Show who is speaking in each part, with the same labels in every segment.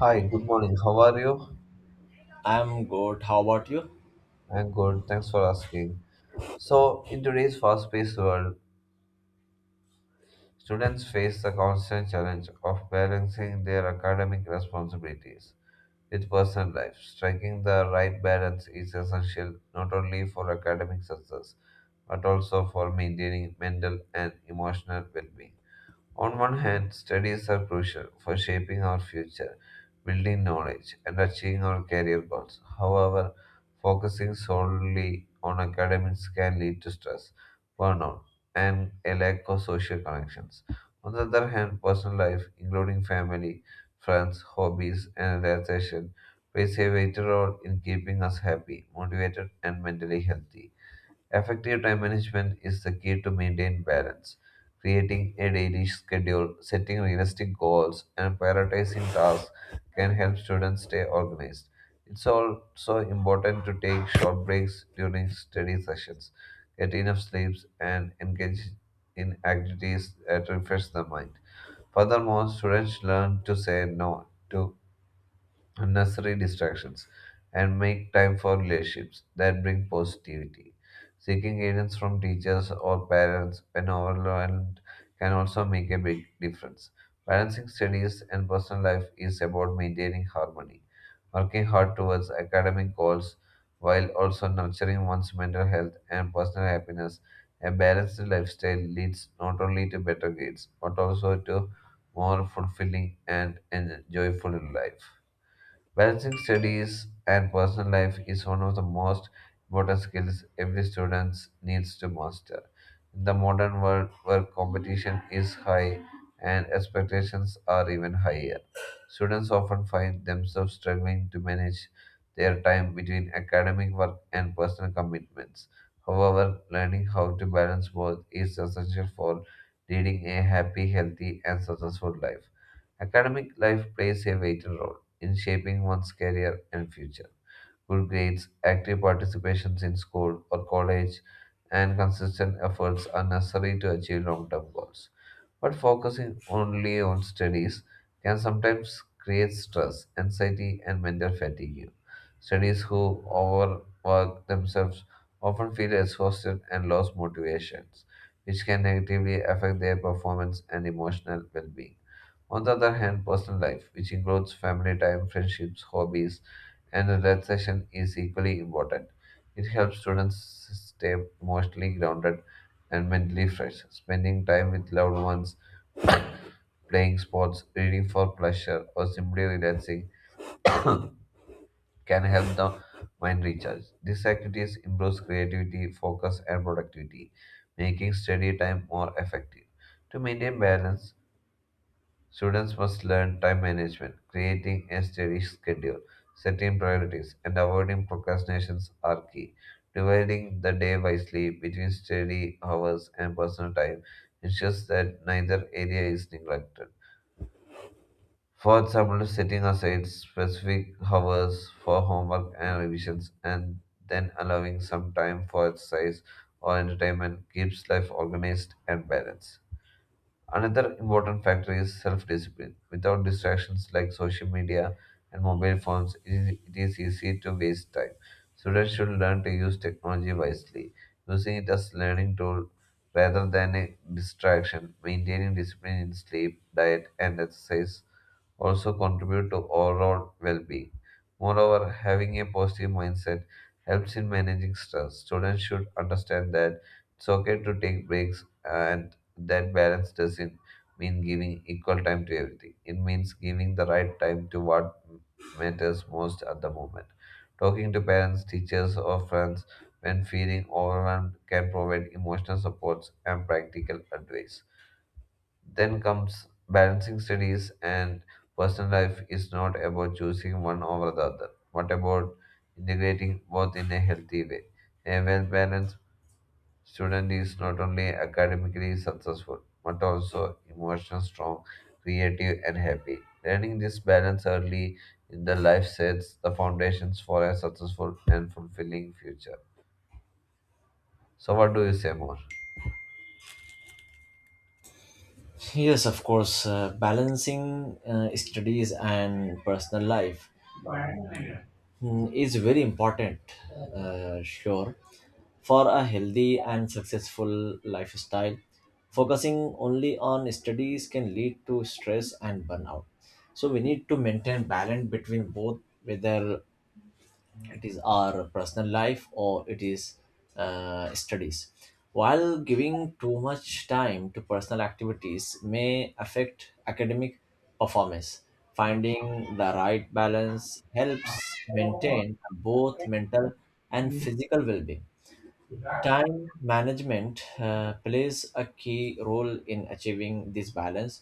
Speaker 1: Hi, good morning. How are you?
Speaker 2: I'm good. How about you?
Speaker 1: I'm good. Thanks for asking. So, in today's fast-paced world, students face the constant challenge of balancing their academic responsibilities with personal life. Striking the right balance is essential not only for academic success but also for maintaining mental and emotional well-being. On one hand, studies are crucial for shaping our future, building knowledge, and achieving our career goals. However, focusing solely on academics can lead to stress, burnout, and a lack of social connections. On the other hand, personal life, including family, friends, hobbies, and relaxation, plays a vital role in keeping us happy, motivated, and mentally healthy. Effective time management is the key to maintain balance. Creating a daily schedule, setting realistic goals, and prioritizing tasks can help students stay organized. It's also important to take short breaks during study sessions, get enough sleeps, and engage in activities that refresh the mind. Furthermore, students learn to say no to unnecessary distractions and make time for relationships that bring positivity. Seeking guidance from teachers or parents when overwhelmed can also make a big difference. Balancing studies and personal life is about maintaining harmony, working hard towards academic goals while also nurturing one's mental health and personal happiness. A balanced lifestyle leads not only to better grades but also to more fulfilling and joyful life. Balancing studies and personal life is one of the most important skills every student needs to master. In the modern world where competition is high and expectations are even higher, students often find themselves struggling to manage their time between academic work and personal commitments. However, learning how to balance both is essential for leading a happy, healthy, and successful life. Academic life plays a vital role in shaping one's career and future. Good grades, active participations in school or college, and consistent efforts are necessary to achieve long term goals. But focusing only on studies can sometimes create stress, anxiety, and mental fatigue. Studies who overwork themselves often feel exhausted and lose motivations, which can negatively affect their performance and emotional well being. On the other hand, personal life, which includes family time, friendships, hobbies, and relaxation, is equally important. It helps students stay emotionally grounded and mentally fresh. Spending time with loved ones, playing sports, reading for pleasure, or simply relaxing can help the mind recharge. These activities improve creativity, focus, and productivity, making study time more effective. To maintain balance, students must learn time management, creating a steady schedule, setting priorities, and avoiding procrastinations are key. Dividing the day wisely between study hours and personal time ensures that neither area is neglected. For example, setting aside specific hours for homework and revisions and then allowing some time for exercise or entertainment keeps life organized and balanced. Another important factor is self discipline. Without distractions like social media and mobile phones, it is easy to waste time. Students should learn to use technology wisely, using it as learning tool rather than a distraction, maintaining discipline in sleep, diet, and exercise also contribute to overall well being. Moreover, having a positive mindset helps in managing stress. Students should understand that it's okay to take breaks and that balance doesn't mean giving equal time to everything. It means giving the right time to what matters most at the moment. Talking to parents, teachers, or friends when feeling overwhelmed can provide emotional supports and practical advice. Then comes balancing studies and personal life is not about choosing one over the other, but about integrating both in a healthy way. A well balanced student is not only academically successful, but also emotionally strong, creative, and happy. Learning this balance early in the life sets the foundations for a successful and fulfilling future. So, what do you say more?
Speaker 2: Yes, of course. Balancing studies and personal life is very important, uh, sure, for a healthy and successful lifestyle. Focusing only on studies can lead to stress and burnout. So, we need to maintain balance between both, whether it is our personal life or it is studies. While giving too much time to personal activities may affect academic performance, finding the right balance helps maintain both mental and physical well-being. Time management plays a key role in achieving this balance.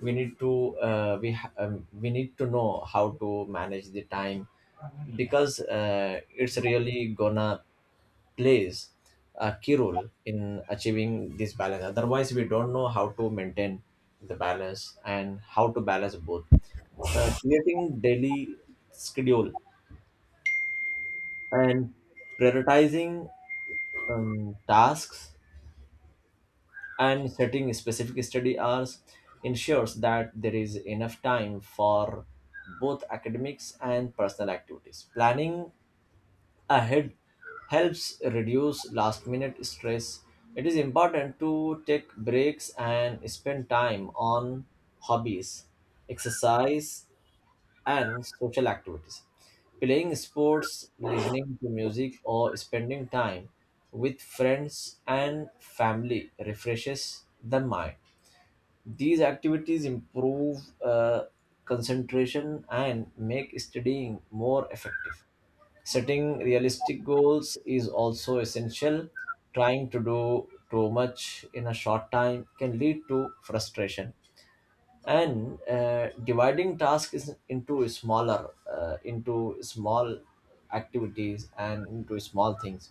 Speaker 2: We need to know how to manage the time, because it's really gonna plays a key role in achieving this balance. Otherwise, we don't know how to maintain the balance and how to balance both. Creating daily schedule and prioritizing tasks and setting specific study hours ensures that there is enough time for both academics and personal activities. Planning ahead helps reduce last minute stress. It is important to take breaks and spend time on hobbies, exercise, and social activities. Playing sports, listening to music, or spending time with friends and family refreshes the mind. These activities improve uh, concentration and make studying more effective. Setting realistic goals is also essential. Trying to do too much in a short time can lead to frustration. And dividing tasks into into small activities and into small things.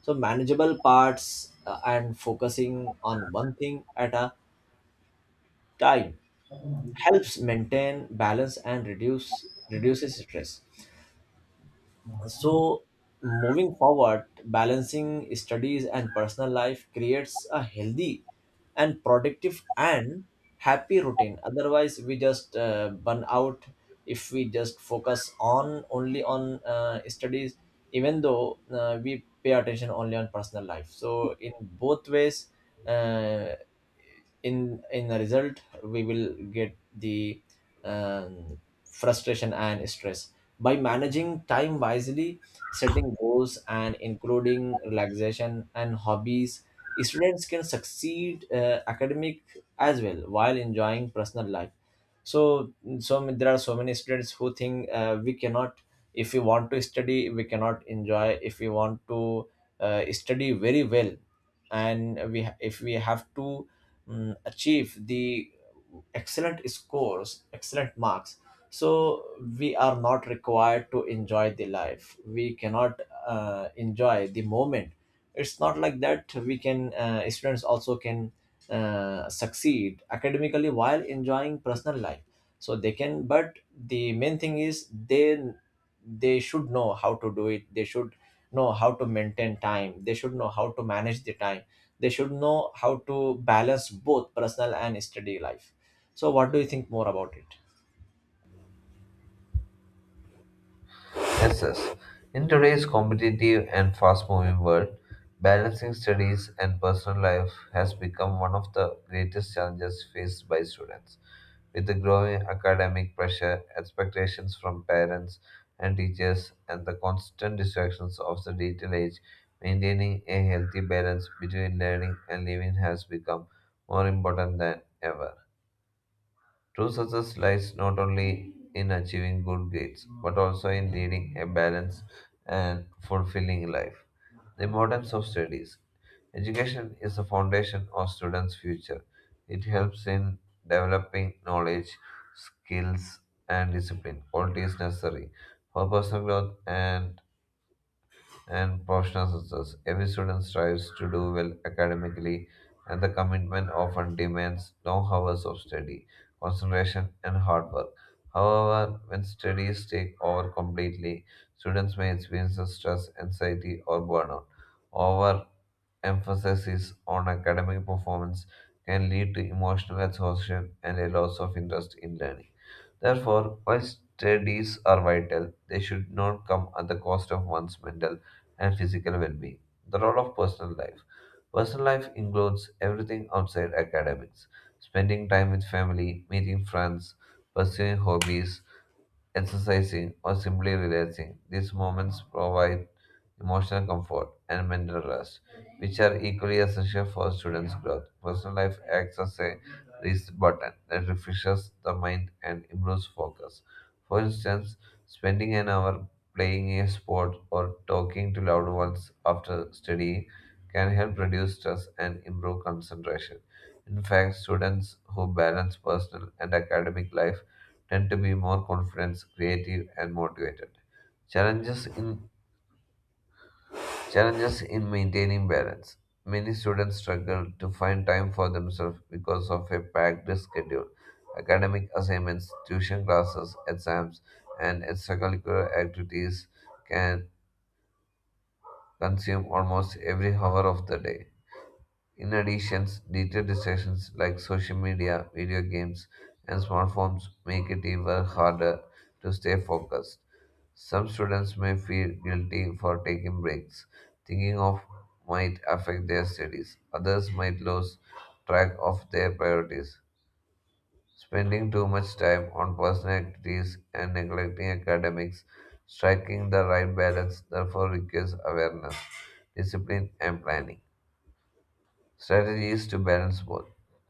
Speaker 2: So manageable parts, and focusing on one thing at a time helps maintain balance and reduces stress. So, moving forward, balancing studies and personal life creates a healthy and productive and happy routine. Otherwise, we just burn out if we just focus on only on studies. Even though we pay attention only on personal life, so in both ways, uh, in the result, we will get the um, frustration and stress. By managing time wisely, setting goals and including relaxation and hobbies, students can succeed academic as well while enjoying personal life. So, there are so many students who think we cannot. If we want to study, we cannot enjoy. If we want to study very well, and if we have to achieve the excellent scores, excellent marks, so we are not required to enjoy the life, we cannot enjoy the moment. It's not like that. We can, students also can succeed academically while enjoying personal life. So they can. But the main thing is they should know how to do it. They should know how to maintain time. They should know how to manage the time. They should know how to balance both personal and study life. So what do you think more about it?
Speaker 1: Yes, yes. In today's competitive and fast moving world, balancing studies and personal life has become one of the greatest challenges faced by students. With the growing academic pressure, expectations from parents and teachers, and the constant distractions of the digital age, maintaining a healthy balance between learning and living has become more important than ever. True success lies not only in achieving good grades, but also in leading a balanced and fulfilling life. The importance of studies. Education is the foundation of students' future. It helps in developing knowledge, skills, and discipline, qualities necessary for personal growth and professional success. Every student strives to do well academically, and the commitment often demands long hours of study, concentration, and hard work. However, when studies take over completely, students may experience stress, anxiety, or burnout. Overemphasis on academic performance can lead to emotional exhaustion and a loss of interest in learning. Therefore, while studies are vital, they should not come at the cost of one's mental and physical well being. The role of personal life. Personal life includes everything outside academics spending time with family, meeting friends, pursuing hobbies, exercising, or simply relaxing. These moments provide emotional comfort, and mental rest, which are equally essential for students' growth. Personal life acts as a reset button that refreshes the mind and improves focus. For instance, spending an hour playing a sport or talking to loved ones after studying can help reduce stress and improve concentration. In fact, students who balance personal and academic life tend to be more confident, creative, and motivated. Challenges in Challenges in maintaining balance. Many students struggle to find time for themselves because of a packed schedule. Academic assignments, tuition classes, exams, and extracurricular activities can consume almost every hour of the day. In addition, digital distractions like social media, video games, and smartphones make it even harder to stay focused. Some students may feel guilty for taking breaks, thinking of might affect their studies. Others might lose track of their priorities. Spending too much time on personal activities and neglecting academics, striking the right balance, therefore requires awareness, discipline, and planning. Strategy is to balance both.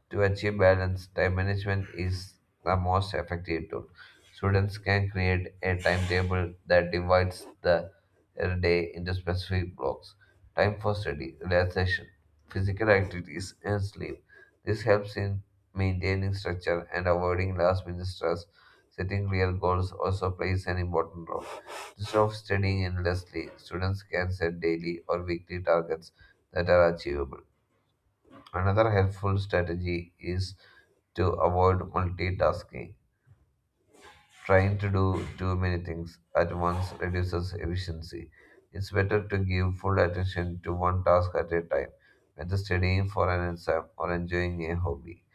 Speaker 1: To achieve balance, time management is the most effective tool. Students can create a timetable that divides the day into specific blocks. Time for study, relaxation, physical activities, and sleep. This helps in maintaining structure and avoiding last minute stress. Setting clear goals also plays an important role. Instead of studying endlessly, students can set daily or weekly targets that are achievable. Another helpful strategy is to avoid multitasking. Trying to do too many things at once reduces efficiency. It's better to give full attention to one task at a time, whether studying for an exam or enjoying a hobby.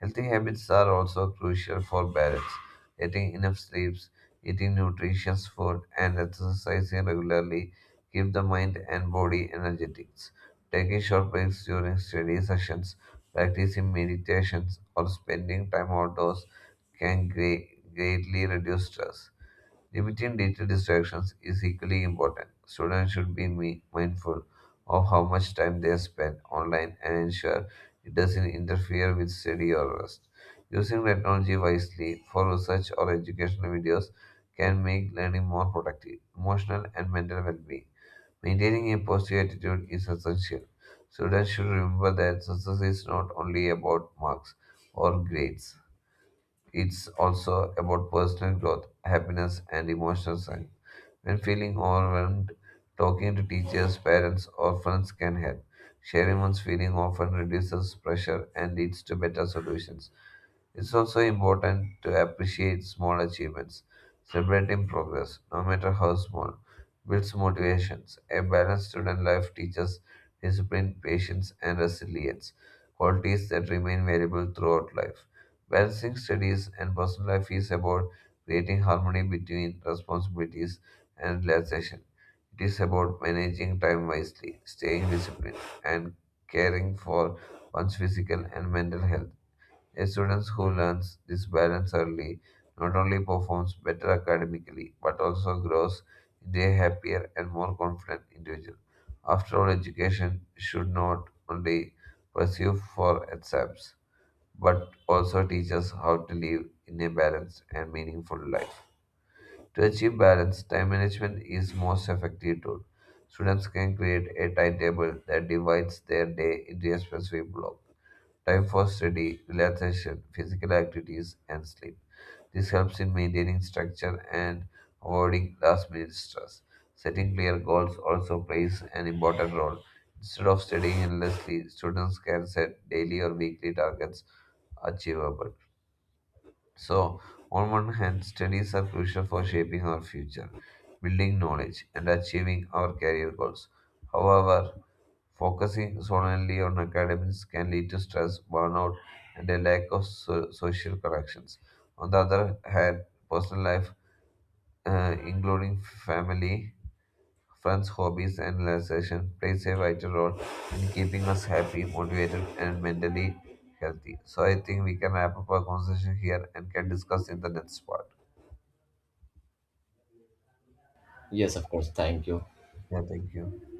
Speaker 1: Healthy habits are also crucial for balance. Getting enough sleeps, eating nutritious food, and exercising regularly keep the mind and body energetic. Taking short breaks during study sessions, practicing meditations, or spending time outdoors can greatly reduce stress. Limiting digital distractions is equally important. Students should be mindful of how much time they spend online and ensure it doesn't interfere with study or rest. Using technology wisely for research or educational videos can make learning more productive, emotional, and mental well being. Maintaining a positive attitude is essential. Students should remember that success is not only about marks or grades it's also about personal growth, happiness, and emotional strength. When feeling overwhelmed, talking to teachers, parents, or friends can help. Sharing one's feeling often reduces pressure and leads to better solutions. It's also important to appreciate small achievements, celebrating progress, no matter how small, builds motivations. A balanced student life teaches discipline, patience, and resilience, qualities that remain valuable throughout life. Balancing studies and personal life is about creating harmony between responsibilities and relaxation. It is about managing time wisely, staying disciplined, and caring for one's physical and mental health. A student who learns this balance early not only performs better academically but also grows into a happier and more confident individual. After all, education should not only pursue for exams but also teach us how to live in a balanced and meaningful life. To achieve balance, time management is most effective tool. Students can create a timetable that divides their day into a specific block time for study, relaxation, physical activities, and sleep. This helps in maintaining structure and avoiding last minute stress. Setting clear goals also plays an important role. Instead of studying endlessly, students can set daily or weekly targets achievable. So, on one hand, studies are crucial for shaping our future, building knowledge, and achieving our career goals. However, focusing solely on academics can lead to stress, burnout, and a lack of social connections. On the other hand, personal life, including family Funds, hobbies, and relaxation plays a vital role in keeping us happy, motivated, and mentally healthy. So I think we can wrap up our conversation here and can discuss in the next part.
Speaker 2: Yes, of course, thank you.
Speaker 1: Yeah, thank you.